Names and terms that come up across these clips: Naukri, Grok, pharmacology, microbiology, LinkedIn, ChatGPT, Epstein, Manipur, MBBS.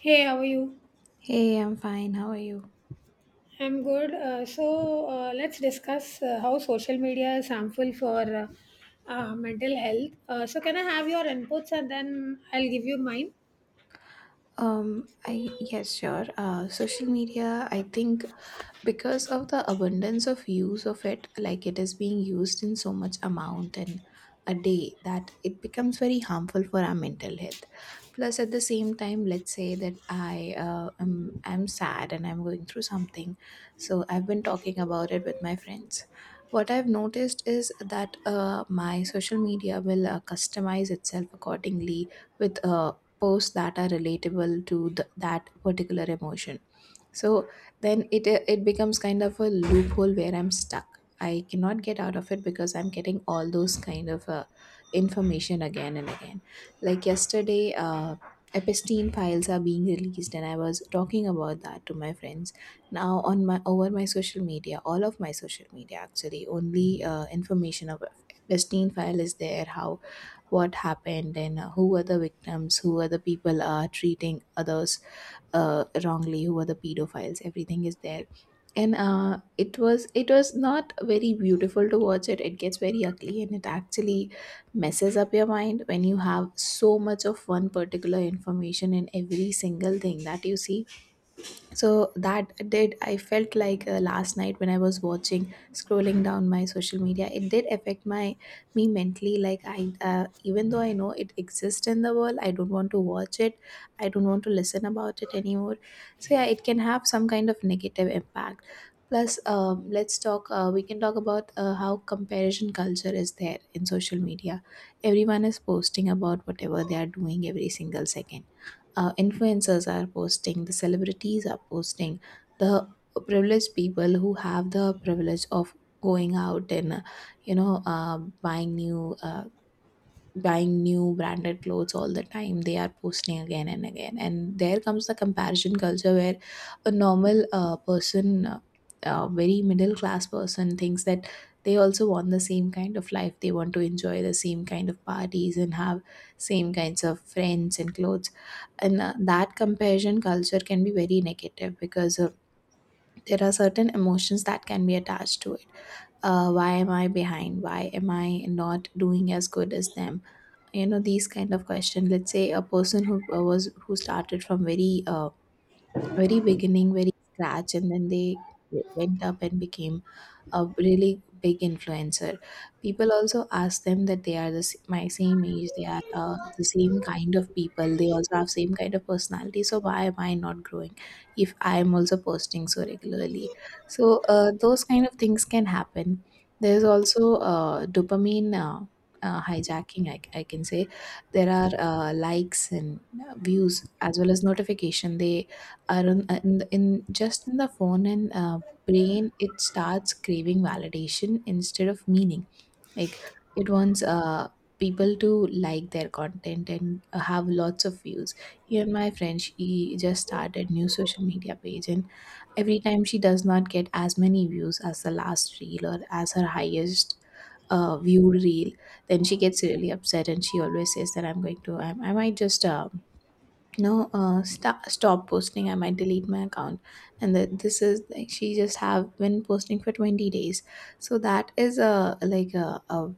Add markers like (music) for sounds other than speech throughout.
Hey, how are you? Hey, I'm fine. How are you? I'm good. Let's discuss how social media is harmful for mental health. So can I have your inputs and then I'll give you mine? I yes, sure. Social media, I think because of the abundance of use of it, like it is being used in so much amount and a day that it becomes very harmful for our mental health. Plus, at the same time, let's say that I'm sad and I'm going through something, so I've been talking about it with my friends. What I've noticed is that my social media will customize itself accordingly with posts that are relatable to that particular emotion, so then it becomes kind of a loophole where I'm stuck, I cannot get out of it because I'm getting all those kind of information again and again. Like yesterday, Epstein files are being released and I was talking about that to my friends. Now on my over my social media, all of my social media actually, only information of Epstein file is there, how, what happened, and who are the victims, who are the people treating others wrongly, who are the pedophiles. Everything is there, and it was not very beautiful to watch it. It gets very ugly, and it actually messes up your mind when you have so much of one particular information in every single thing that you see. So that did I felt like last night when I was watching scrolling down my social media, it did affect my me mentally. Like I, even though I know it exists in the world, I don't want to watch it, I don't want to listen about it anymore. So yeah, it can have some kind of negative impact. Plus let's talk, we can talk about how comparison culture is there in social media. Everyone is posting about whatever they are doing every single second. Uh, influencers are posting, the celebrities are posting, the privileged people who have the privilege of going out and, buying new, buying new branded clothes all the time, they are posting again and again, and there comes the comparison culture where a normal person, a very middle class person thinks that they also want the same kind of life, they want to enjoy the same kind of parties and have same kinds of friends and clothes. And that comparison culture can be very negative because there are certain emotions that can be attached to it. Uh, why am I behind, why am I not doing as good as them, you know, these kind of question. Let's say a person who was who started from very very beginning, very scratch, and then they went up and became a really big influencer. People also ask them that they are my same age, they are the same kind of people, they also have same kind of personality. So why am I not growing if I am also posting so regularly? So those kind of things can happen. There's also dopamine hijacking, I can say. There are likes and views as well as notification. They are on, in, just in the phone, and brain, it starts craving validation instead of meaning. Like it wants people to like their content and have lots of views. Even my friend, she just started new social media page, and every time she does not get as many views as the last reel or as her highest viewed reel, then she gets really upset and she always says that I'm going to I might just no st- stop posting, I might delete my account. And that this is like, she just have been posting for 20 days. So that is a, like a,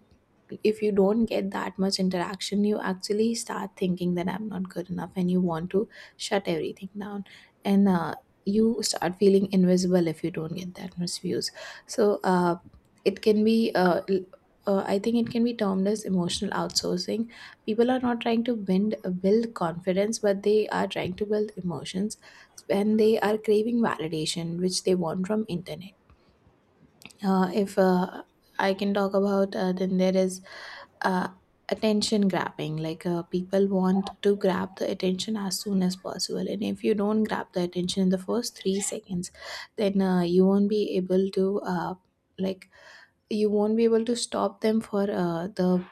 if you don't get that much interaction, you actually start thinking that I'm not good enough and you want to shut everything down. And you start feeling invisible if you don't get that much views. So it can be l- I think it can be termed as emotional outsourcing. People are not trying to build confidence, but they are trying to build emotions, and they are craving validation which they want from internet. If I can talk about, then there is uh, attention grabbing. Like people want to grab the attention as soon as possible, and if you don't grab the attention in the first 3 seconds, then you won't be able to, like you won't be able to stop them for the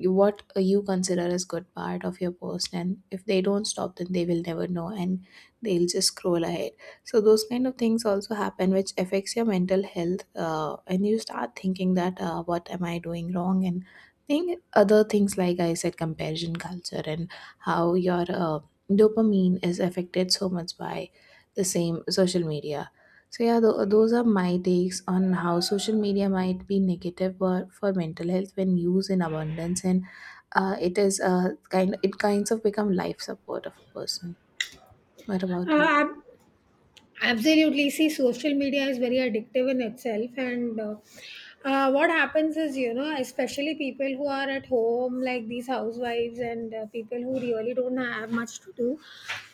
what you consider as good part of your post, and if they don't stop then they will never know and they'll just scroll ahead. So those kind of things also happen, which affects your mental health, and you start thinking that what am I doing wrong, and think other things like I said, comparison culture and how your dopamine is affected so much by the same social media. So yeah, those are my takes on how social media might be negative for mental health when used in abundance, and it kinds of become life support of a person. What Uh, about you? I'm, Absolutely. See, social media is very addictive in itself. And what happens is, you know, especially people who are at home, like these housewives and people who really don't have much to do,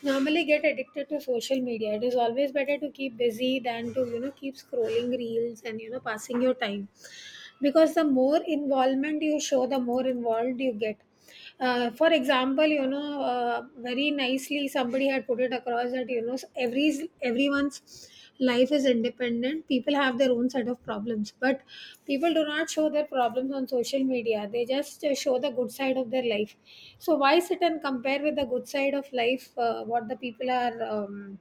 normally get addicted to social media. It is always better to keep busy than to, you know, keep scrolling reels and, you know, passing your time because the more involvement you show, the more involved you get. For example, you know, very nicely somebody had put it across that, you know, everyone's life is independent. People have their own set of problems, but people do not show their problems on social media. They just show the good side of their life. So why sit and compare with the good side of life, what the people are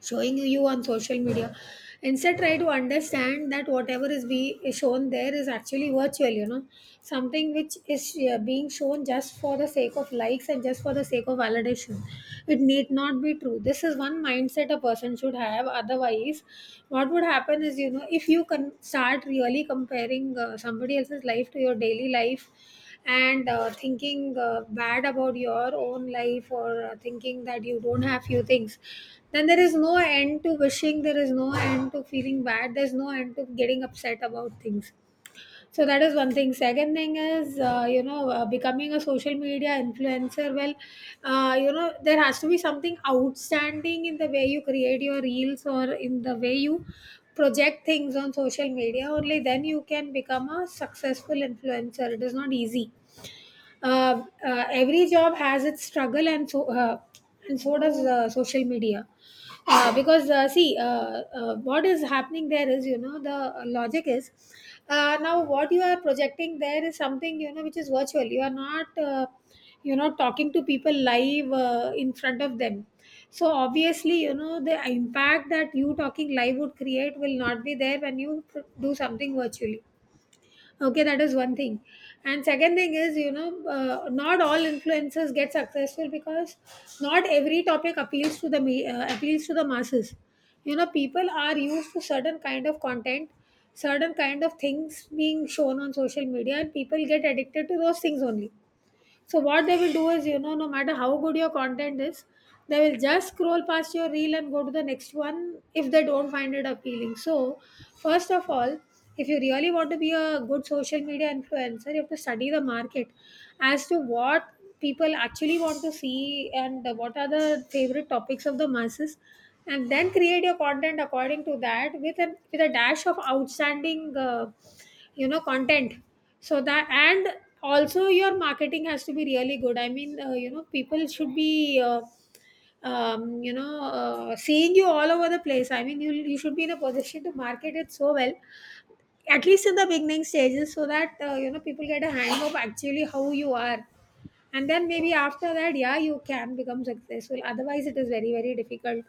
showing you on social media? Instead, try to understand that whatever is be is shown there is actually virtual, you know, something which is being shown just for the sake of likes and just for the sake of validation. It need not be true. This is one mindset a person should have. Otherwise, what would happen is, you know, if you can start really comparing somebody else's life to your daily life and thinking bad about your own life, or thinking that you don't have few things, then there is no end to wishing, there is no end to feeling bad, there's no end to getting upset about things. So that is one thing. Second thing is, you know, becoming a social media influencer, well, you know, there has to be something outstanding in the way you create your reels or in the way you project things on social media. Only then you can become a successful influencer. It is not easy. Every job has its struggle, and so does social media. Because See, what is happening there is, you know, the logic is, now what you are projecting there is something, you know, which is virtual. You are not you know, talking to people live in front of them. So obviously, you know, the impact that you talking live would create will not be there when you do something virtually. Okay, that is one thing. And second thing is, you know, not all influencers get successful because not every topic appeals to the appeals to the masses. You know, people are used to certain kind of content, certain kind of things being shown on social media, and people get addicted to those things only. So what they will do is, you know, no matter how good your content is, they will just scroll past your reel and go to the next one if they don't find it appealing. So first of all, if you really want to be a good social media influencer, you have to study the market as to what people actually want to see and what are the favorite topics of the masses, and then create your content according to that with a dash of outstanding you know content. So that, and also your marketing has to be really good. I mean, you know, people should be you know, seeing you all over the place. I mean, you should be in a position to market it so well, at least in the beginning stages, so that you know, people get a hang of actually how you are, and then maybe after that, yeah, you can become successful. Otherwise, it is very, very difficult.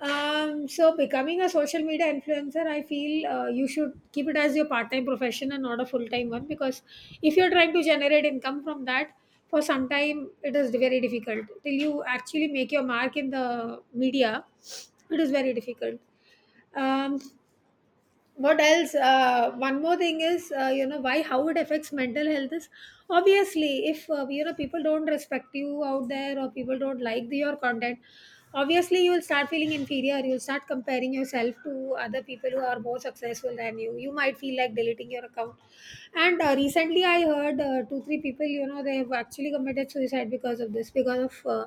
So becoming a social media influencer, I feel you should keep it as your part-time profession and not a full-time one, because if you're trying to generate income from that, for some time it is very difficult. Till you actually make your mark in the media, it is very difficult. Um, what else? One more thing is, you know, why how it affects mental health is obviously if you know, people don't respect you out there, or people don't like your content, obviously you will start feeling inferior. You'll start comparing yourself to other people who are more successful than you. You might feel like deleting your account. And recently I heard two three people, you know, they have actually committed suicide because of this, because of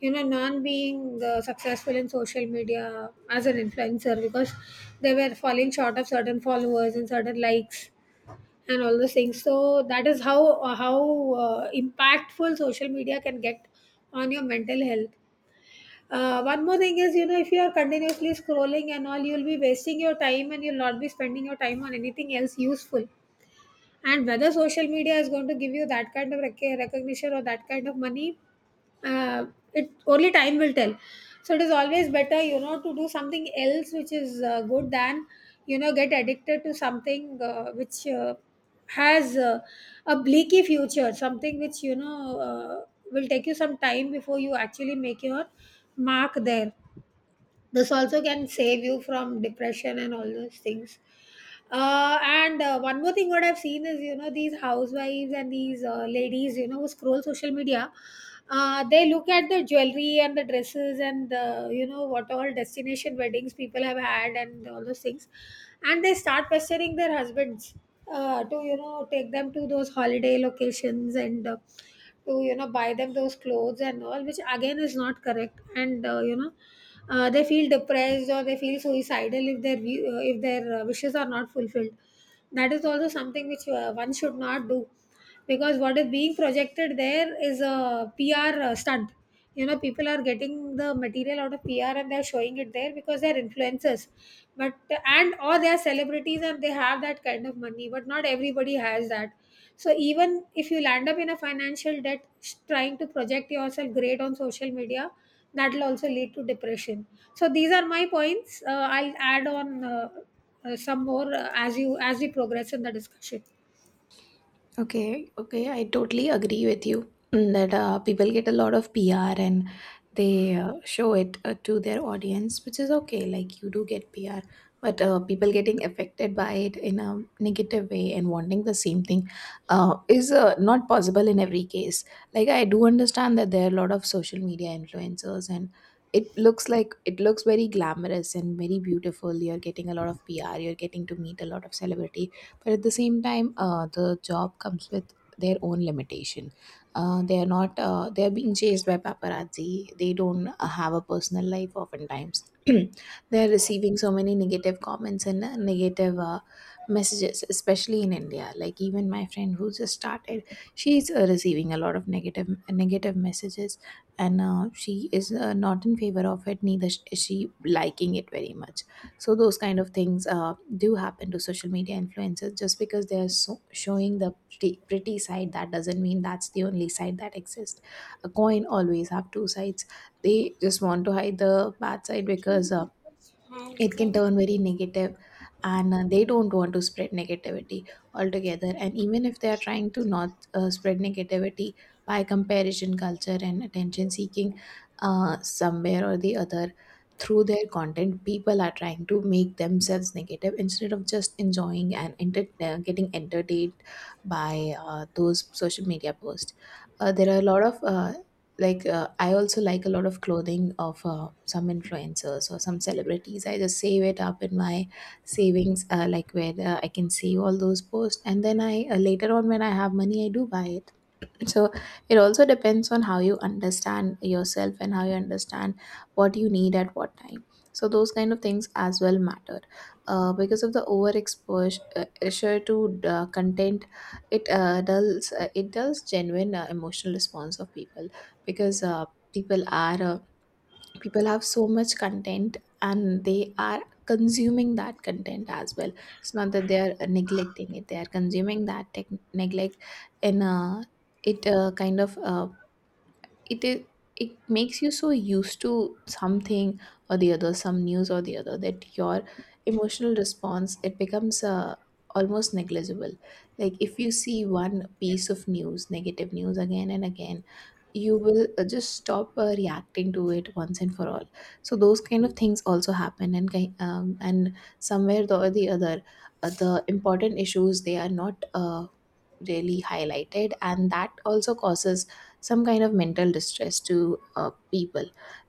you know, non being successful in social media as an influencer, because they were falling short of certain followers and certain likes and all those things. So that is how uh, how impactful social media can get on your mental health. One more thing is, you know, if you are continuously scrolling and all, you'll be wasting your time and you'll not be spending your time on anything else useful. And whether social media is going to give you that kind of recognition or that kind of money, uh, it only time will tell. So it is always better, you know, to do something else which is good than, you know, get addicted to something which has a bleaky future, something which, you know, will take you some time before you actually make your mark there. This also can save you from depression and all those things. And one more thing what I've seen is, you know, these housewives and these ladies, you know, who scroll social media, they look at the jewelry and the dresses and the, you know, what all destination weddings people have had and all those things. And they start pestering their husbands to, you know, take them to those holiday locations and to, you know, buy them those clothes and all, which again is not correct. And you know, they feel depressed or they feel suicidal if their if their wishes are not fulfilled. That is also something which one should not do, because what is being projected there is a PR stunt. You know, people are getting the material out of PR and they're showing it there because they're influencers, but and or they are celebrities and they have that kind of money, but not everybody has that. So even if you land up in a financial debt, trying to project yourself great on social media, that will also lead to depression. So these are my points. I'll add on some more as we progress in the discussion. Okay, okay, I totally agree with you, mm, that people get a lot of PR, and they show it to their audience, which is okay. Like you do get PR, but people getting affected by it in a negative way and wanting the same thing is not possible in every case. Like I do understand that there are a lot of social media influencers, and it looks very glamorous and very beautiful. You're getting a lot of PR, you're getting to meet a lot of celebrities, but at the same time the job comes with their own limitation. They are not They are being chased by paparazzi, they don't have a personal life oftentimes. (clears throat) They are receiving so many negative comments and negative messages, especially in India. Like even my friend who just started, she's receiving a lot of negative messages, and she is not in favor of it, neither is she liking it very much. So those kind of things do happen to social media influencers. Just because they're showing the pretty, pretty side, that doesn't mean that's the only side that exists. A coin always have two sides. They just want to hide the bad side because it can turn very negative, and they don't want to spread negativity altogether. And even if they are trying to not spread negativity, by comparison culture and attention seeking, somewhere or the other through their content, people are trying to make themselves negative instead of just enjoying and getting entertained by those social media posts. There are a lot of, I also like a lot of clothing of some influencers or some celebrities. I just save it up in my savings, like where I can save all those posts, and then I, later on when I have money, I do buy it. So it also depends on how you understand yourself and how you understand what you need at what time. So those kind of things as well matter. Because of the overexposure exposure to content, it dulls it dulls genuine emotional response of people. Because people are uh, people have so much content, and they are consuming that content as well. It's not that they are neglecting it, they are consuming that tech neglect and a it kind of it is it makes you so used to something or the other, some news or the other, that your emotional response, it becomes almost negligible. Like if you see one piece of news, negative news, again and again, you will just stop reacting to it once and for all. So those kind of things also happen, and and somewhere or the other, the important issues, they are not really highlighted, and that also causes some kind of mental distress to people.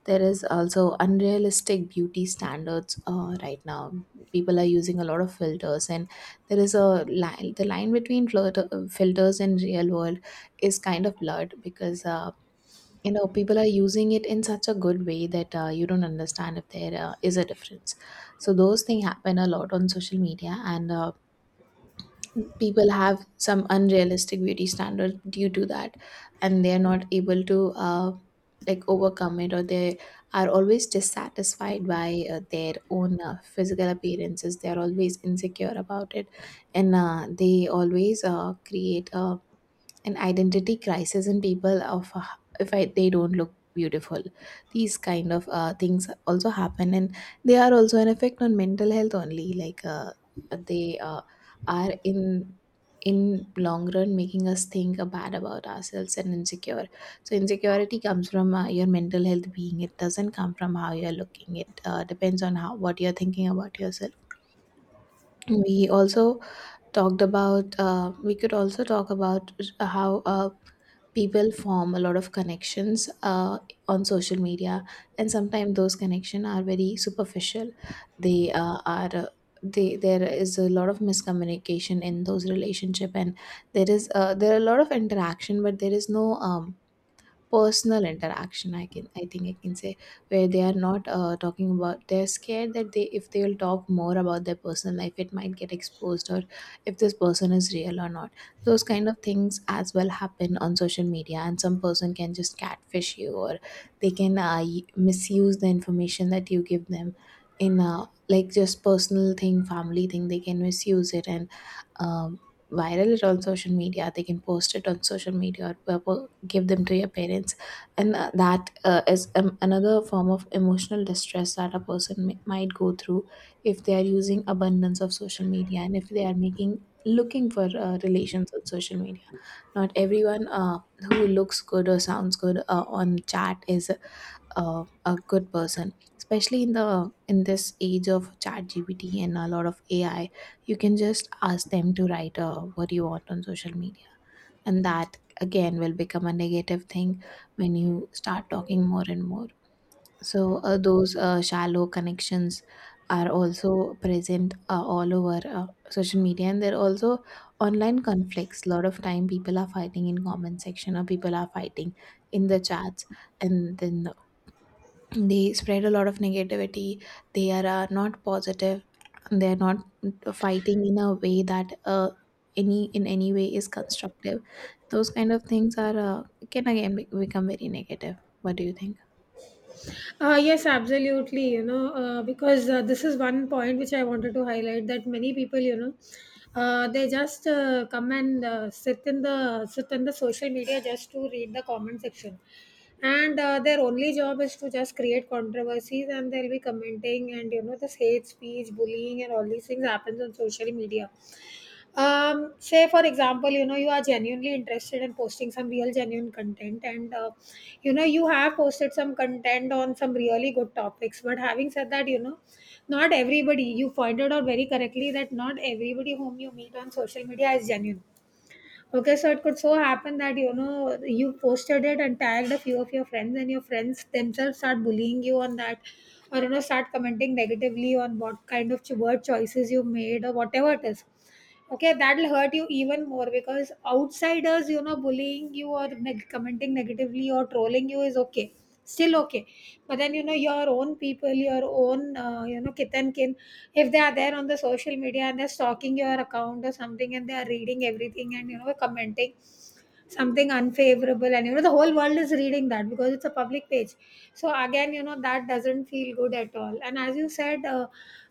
There is also unrealistic beauty standards right now. People are using a lot of filters, and there is a line the line between filters and real world is kind of blurred, because you know, people are using it in such a good way that you don't understand if there is a difference. So those things happen a lot on social media, and people have some unrealistic beauty standards due to that, and they're not able to uh, like Overcome it, or they are always dissatisfied by their own physical appearances. They're always insecure about it, and they always create a an identity crisis in people of, if I, they don't look beautiful. These kind of things also happen, and they are also an effect on mental health only. Like they are in long run making us think bad about ourselves and insecure. So insecurity comes from your mental health being. It doesn't come from how you're looking. It depends on how what you're thinking about yourself. We also talked about we could also talk about how people form a lot of connections on social media, and sometimes those connections are very superficial. they uh, are uh, there is a lot of miscommunication in those relationship, and there is there are a lot of interaction, but there is no personal interaction, I can I think I can say, where they are not talking about. They're scared that they if they will talk more about their personal life, it might get exposed, or if this person is real or not. Those kind of things as well happen on social media, and some person can just catfish you, or they can misuse the information that you give them in a like just personal thing, family thing. They can misuse it and um, viral it on social media. They can post it on social media or people give them to your parents. And that is another form of emotional distress that a person might go through if they are using abundance of social media, and if they are making looking for relations on social media. Not everyone who looks good or sounds good on chat is a good person, especially in the in this age of chat gpt and a lot of ai. You can just ask them to write what you want on social media, and that again will become a negative thing when you start talking more and more. So those shallow connections are also present all over social media, and there are also online conflicts. A lot of time people are fighting in comment section, or people are fighting in the chats, and then they spread a lot of negativity. They are not positive. They're not fighting in a way that any in any way is constructive. Those kind of things are can again become very negative. What do you think? Yes, absolutely. You know, because this is one point which I wanted to highlight, that many people, you know, they just come and sit in the sit in the social media just to read the comment section, and their only job is to just create controversies, and they'll be commenting, and you know, this hate speech, bullying, and all these things happens on social media. Say for example, you know, you are genuinely interested in posting some real genuine content, and you know, you have posted some content on some really good topics. But having said that, you know, not everybody, you pointed out very correctly, that not everybody whom you meet on social media is genuine. Okay, so it could so happen that, you know, you posted it and tagged a few of your friends, and your friends themselves start bullying you on that, or you know, start commenting negatively on what kind of word choices you made or whatever it is. Okay, that'll hurt you even more, because outsiders, you know, bullying you or commenting negatively or trolling you is okay, still okay. But then, you know, your own people, your own you know, kith and kin, if they are there on the social media and they're stalking your account or something, and they are reading everything and, you know, commenting something unfavorable, and you know, the whole world is reading that because it's a public page. So again, you know, that doesn't feel good at all. And as you said,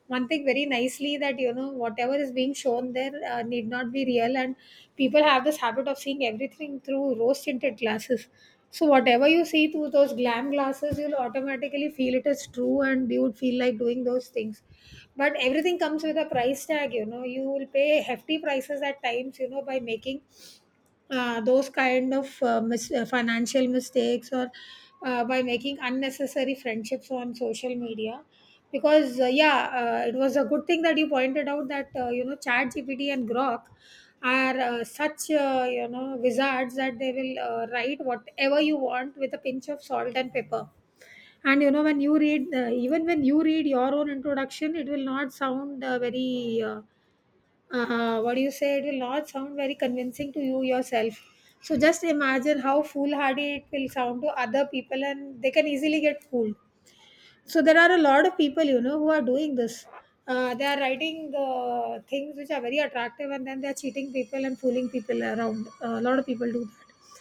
one thing very nicely, that you know, whatever is being shown there need not be real, and people have this habit of seeing everything through rose tinted glasses. So whatever you see through those glam glasses, you'll automatically feel it is true, and you would feel like doing those things. But everything comes with a price tag. You know, you will pay hefty prices at times, you know, by making those kind of Financial mistakes, or by making unnecessary friendships on social media. Because yeah It was a good thing that you pointed out that chat gpt and grok are such wizards that they will write whatever you want with a pinch of salt and pepper. And you know when you read even when you read your own introduction, it will not sound very what you said will not sound very convincing to you yourself. So just imagine how foolhardy it will sound to other people, and they can easily get fooled. So there are a lot of people, you know, who are doing this. They are writing the things which are very attractive, and then they are cheating people and fooling people around. A lot of people do that.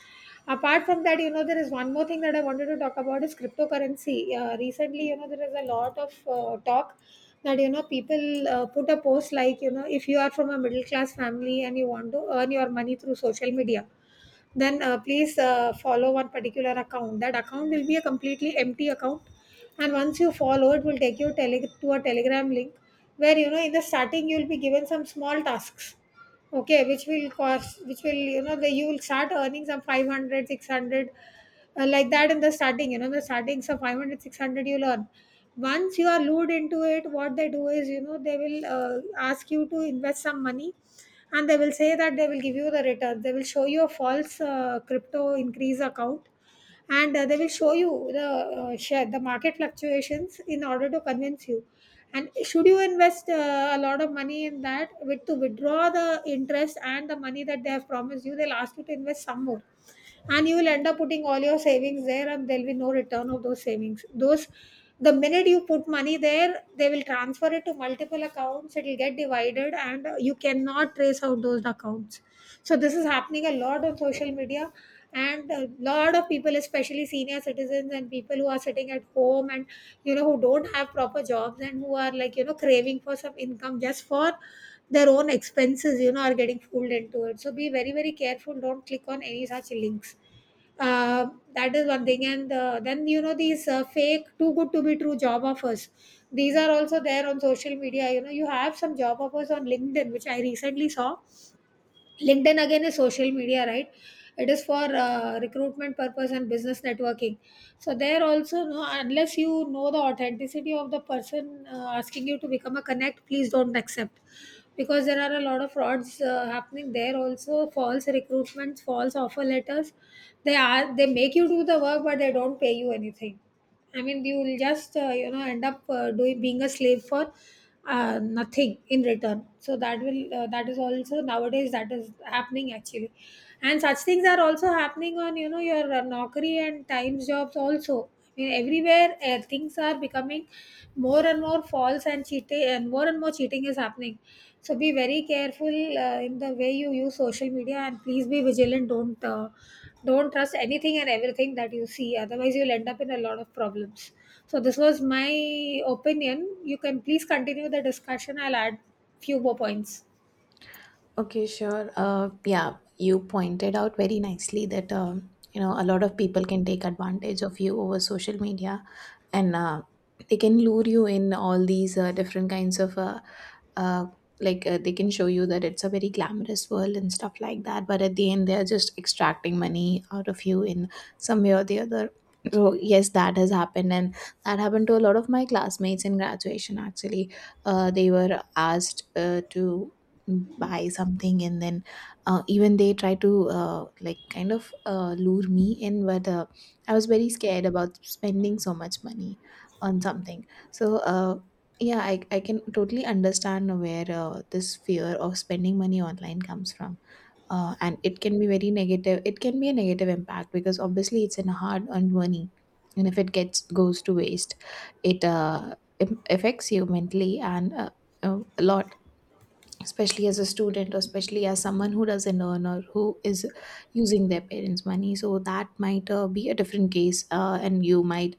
Apart from that, you know, there is one more thing that I wanted to talk about is cryptocurrency. Recently, you know, there is a lot of talk that, you know, people put a post like, you know, if you are from a middle class family and you want to earn your money through social media, then please follow one particular account. That account will be a completely empty account, and once you follow, it will take you to a telegram link where, you know, in the starting, you will be given some small tasks, okay, which will cost which will you know the you will start earning some 500, 600, like that. In the starting you know the starting so 500, 600 you'll earn. Once you are lured into it, what they do is, you know, they will ask you to invest some money, and they will say that they will give you the returns. They will show you a false crypto increase account, and they will show you the share, the market fluctuations, in order to convince you. And should you invest a lot of money in that, with to withdraw the interest and the money that they have promised you, they'll ask you to invest some more, and you will end up putting all your savings there, and there'll be no return of those savings those the minute you put money there, they will transfer it to multiple accounts, it will get divided, and you cannot trace out those accounts. So this is happening a lot on social media, and a lot of people, especially senior citizens and people who are sitting at home and, you know, who don't have proper jobs and who are like, you know, craving for some income just for their own expenses, you know, are getting fooled into it. So be very very careful, don't click on any such links. uh, that is one thing. And then, you know, these fake, too good to be true job offers, these are also there on social media. You know, you have some job offers on linkedin, which I recently saw. LinkedIn again is social media, right? It is for recruitment purpose and business networking. So there also, no, unless you know the authenticity of the person asking you to become a connect, please don't accept, because there are a lot of frauds happening there also. False recruitments, false offer letters. They make you do the work, but they don't pay you anything. I mean, you will just end up doing, being a slave for nothing in return. So that will that is also nowadays that is happening, actually, and such things are also happening on, you know, your Naukri and Times jobs also. I mean, everywhere things are becoming more and more false and cheating, and more cheating is happening. So be very careful in the way you use social media, and please be vigilant. Don't trust anything and everything that you see, otherwise you'll end up in a lot of problems. So this was my opinion. You can please continue the discussion, I'll add few more points. Okay, sure. Yeah, you pointed out very nicely that you know a lot of people can take advantage of you over social media, and they can lure you in all these different kinds of, uh, like they can show you that it's a very glamorous world and stuff like that, but at the end they're just extracting money out of you in some way or the other. So yes, that has happened, and that happened to a lot of my classmates in graduation actually. They were asked to buy something, and then even they try to like kind of lure me in, but I was very scared about spending so much money on something. So, yeah, I can totally understand where this fear of spending money online comes from. And it can be very negative. It can be a negative impact because obviously it's an hard earned money. And if it gets goes to waste, it affects you mentally and a lot, especially as a student, or especially as someone who doesn't earn, or who is using their parents money. So that might be a different case, and you might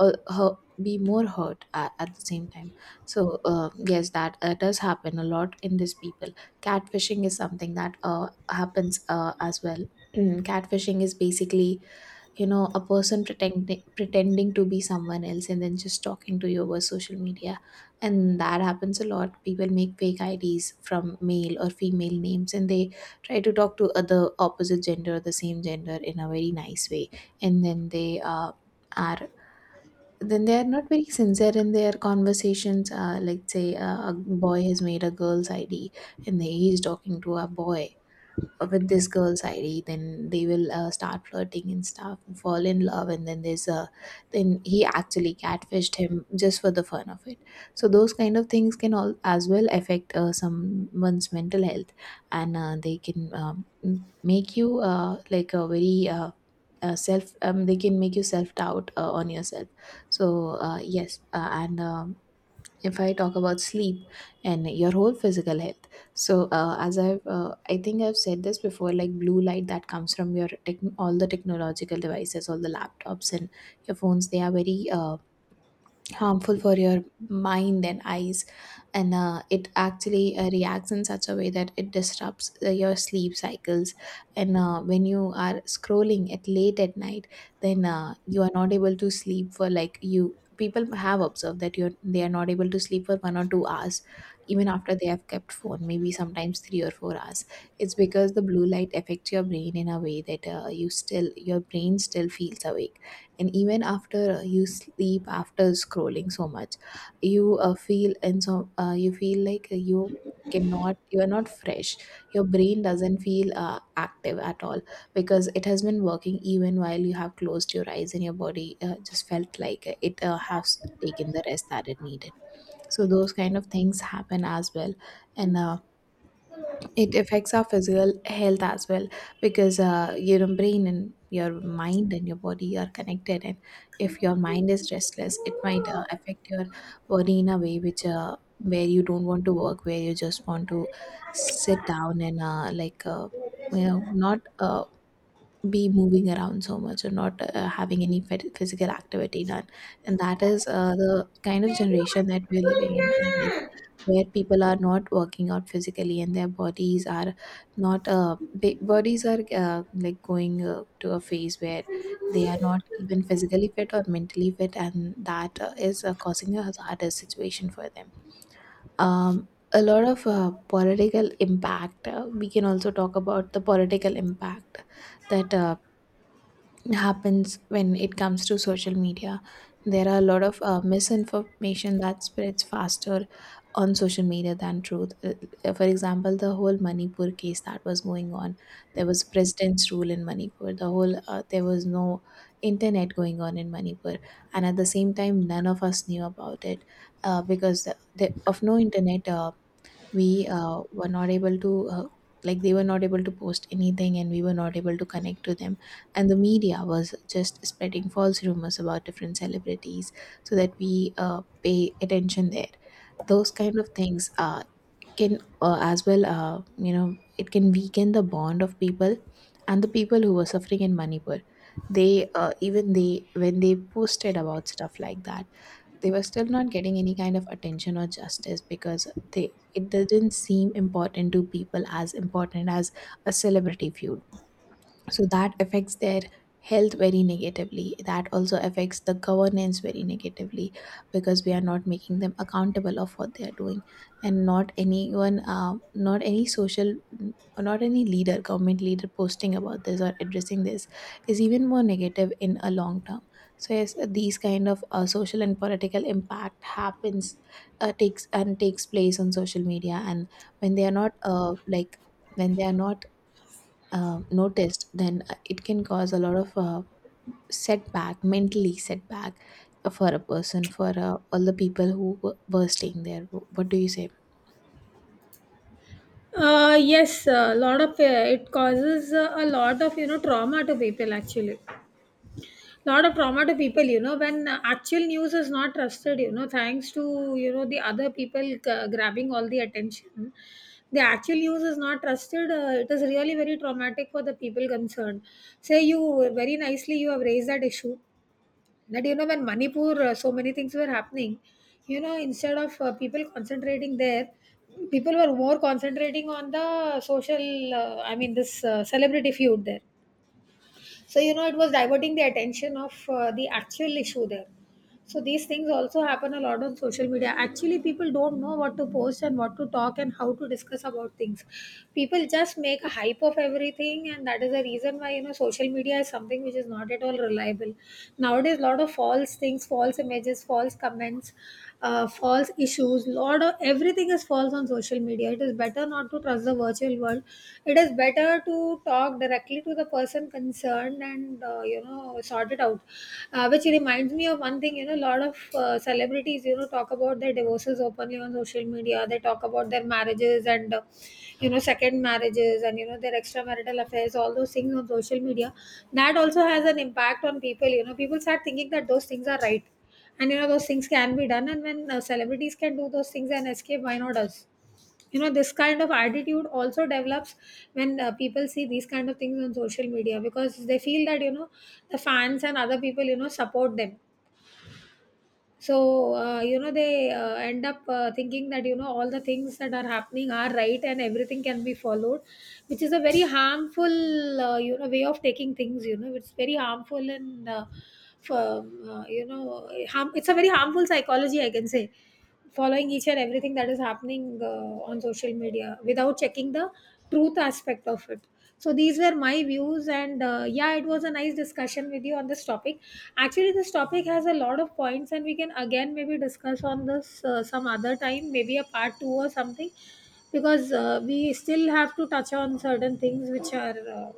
uh, hu- be more hurt at the same time. So yes, that does happen a lot in these people. Catfishing is something that happens as well. (clears throat) Catfishing is basically you know a person pretending to be someone else, and then just talking to you over social media. And that happens a lot. People make fake ids from male or female names, and they try to talk to other opposite gender or the same gender in a very nice way, and then they are then they are not very sincere in their conversations. Let's say a boy has made a girl's id, and he is talking to a boy with this girl's ID. Then they will start flirting and stuff, and fall in love, and then he actually catfished him just for the fun of it. So those kind of things can all as well affect someone's mental health, and they can make you like a very self. They can make you self doubt on yourself. So yes, and if I talk about sleep and your whole physical health. So as I think I've said this before, like blue light that comes from your tech all the technological devices, all the laptops and your phones, they are very harmful for your mind and eyes. And it actually reacts in such a way that it disrupts your sleep cycles. And when you are scrolling at late at night, then you are not able to sleep for like you people have observed that you're they are not able to sleep for one or two hours even after they have kept phone, maybe sometimes three or four hours. It's because the blue light affects your brain in a way that your brain still feels awake. And even after you sleep after scrolling so much, you feel like you are not fresh. Your brain doesn't feel active at all because it has been working even while you have closed your eyes, and your body just felt like it has taken the rest that it needed. So those kind of things happen as well. And it affects our physical health as well, because your brain and your mind and your body are connected. And if your mind is restless, it might affect your body in a way which where you don't want to work, where you just want to sit down and you know not be moving around so much, or not having any physical activity done. And that is the kind of generation that we're living in, I guess, where people are not working out physically, and their bodies are not bodies are like going to a phase where they are not even physically fit or mentally fit, and that is causing a harder situation for them. A lot of political impact, we can also talk about the political impact that happens when it comes to social media. There are a lot of misinformation that spreads faster on social media than truth. For example, the whole Manipur case that was going on, there was president's rule in Manipur. There was no internet going on in Manipur, and at the same time, none of us knew about it because of no internet. We were not able to, they were not able to post anything, and we were not able to connect to them. And the media was just spreading false rumors about different celebrities, so that we pay attention there. Those kind of things can as well, you know, it can weaken the bond of people. And the people who were suffering in Manipur, they even they when they posted about stuff like that, they were still not getting any kind of attention or justice, because they it didn't seem important to people, as important as a celebrity feud. So that affects their health very negatively. That also affects the governance very negatively, because we are not making them accountable of what they are doing. And not anyone, not any social, not any leader, government leader posting about this or addressing this is even more negative in a long term. So yes, these kind of social and political impact happens, takes place on social media. And when they are not when they are not noticed, then it can cause a lot of setback, mentally setback, for a person, for all the people who were staying there. What do you say? Yes, a lot of it causes a lot of, you know, trauma to people, actually. Lot of trauma to people, you know, when actual news is not trusted, you know, thanks to, you know, the other people grabbing all the attention. The actual news is not trusted. It is really very traumatic for the people concerned. Say, you very nicely, you have raised that issue that, you know, when Manipur, so many things were happening, you know, instead of people concentrating there, people were more concentrating on the social, I mean, this celebrity feud there. So, you know, it was diverting the attention of the actual issue there. So, these things also happen a lot on social media. Actually, people don't know what to post and what to talk and how to discuss about things. People just make a hype of everything, and that is the reason why, you know, social media is something which is not at all reliable. Nowadays, a lot of false things, false images, false comments, false issues, lot of everything is false on social media. It is better not to trust the virtual world. It is better to talk directly to the person concerned and, you know, sort it out. Which reminds me of one thing, you know, a lot of celebrities, you know, talk about their divorces openly on social media. They talk about their marriages and, you know, second marriages, and, you know, their extramarital affairs, all those things on social media. That also has an impact on people. You know, people start thinking that those things are right and, you know, those things can be done. And when celebrities can do those things and escape, why not us? You know, this kind of attitude also develops when people see these kind of things on social media, because they feel that, you know, the fans and other people, you know, support them. So, you know, they end up thinking that, you know, all the things that are happening are right and everything can be followed, which is a very harmful, you know, way of taking things. You know, it's very harmful and, for, you know, harm, it's a very harmful psychology, I can say, following each and everything that is happening on social media without checking the truth aspect of it. So, these were my views, and, yeah, it was a nice discussion with you on this topic. Actually, this topic has a lot of points, and we can again maybe discuss on this some other time, maybe a part two or something, because we still have to touch on certain things which are uh,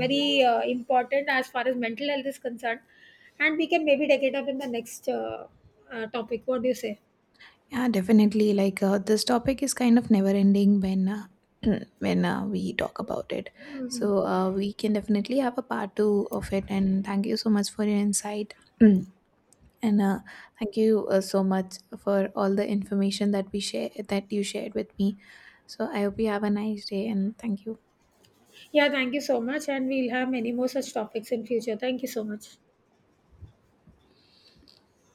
very uh, important as far as mental health is concerned, and we can maybe take it up in the next topic. What do you say? Yeah, definitely. Like this topic is kind of never ending when (clears throat) when we talk about it. So we can definitely have a part two of it. And thank you so much for your insight. (clears throat) and uh, Thank you so much for all the information that we share that you shared with me. So I hope you have a nice day, and thank you. Yeah, thank you so much, and we'll have many more such topics in future. Thank you so much.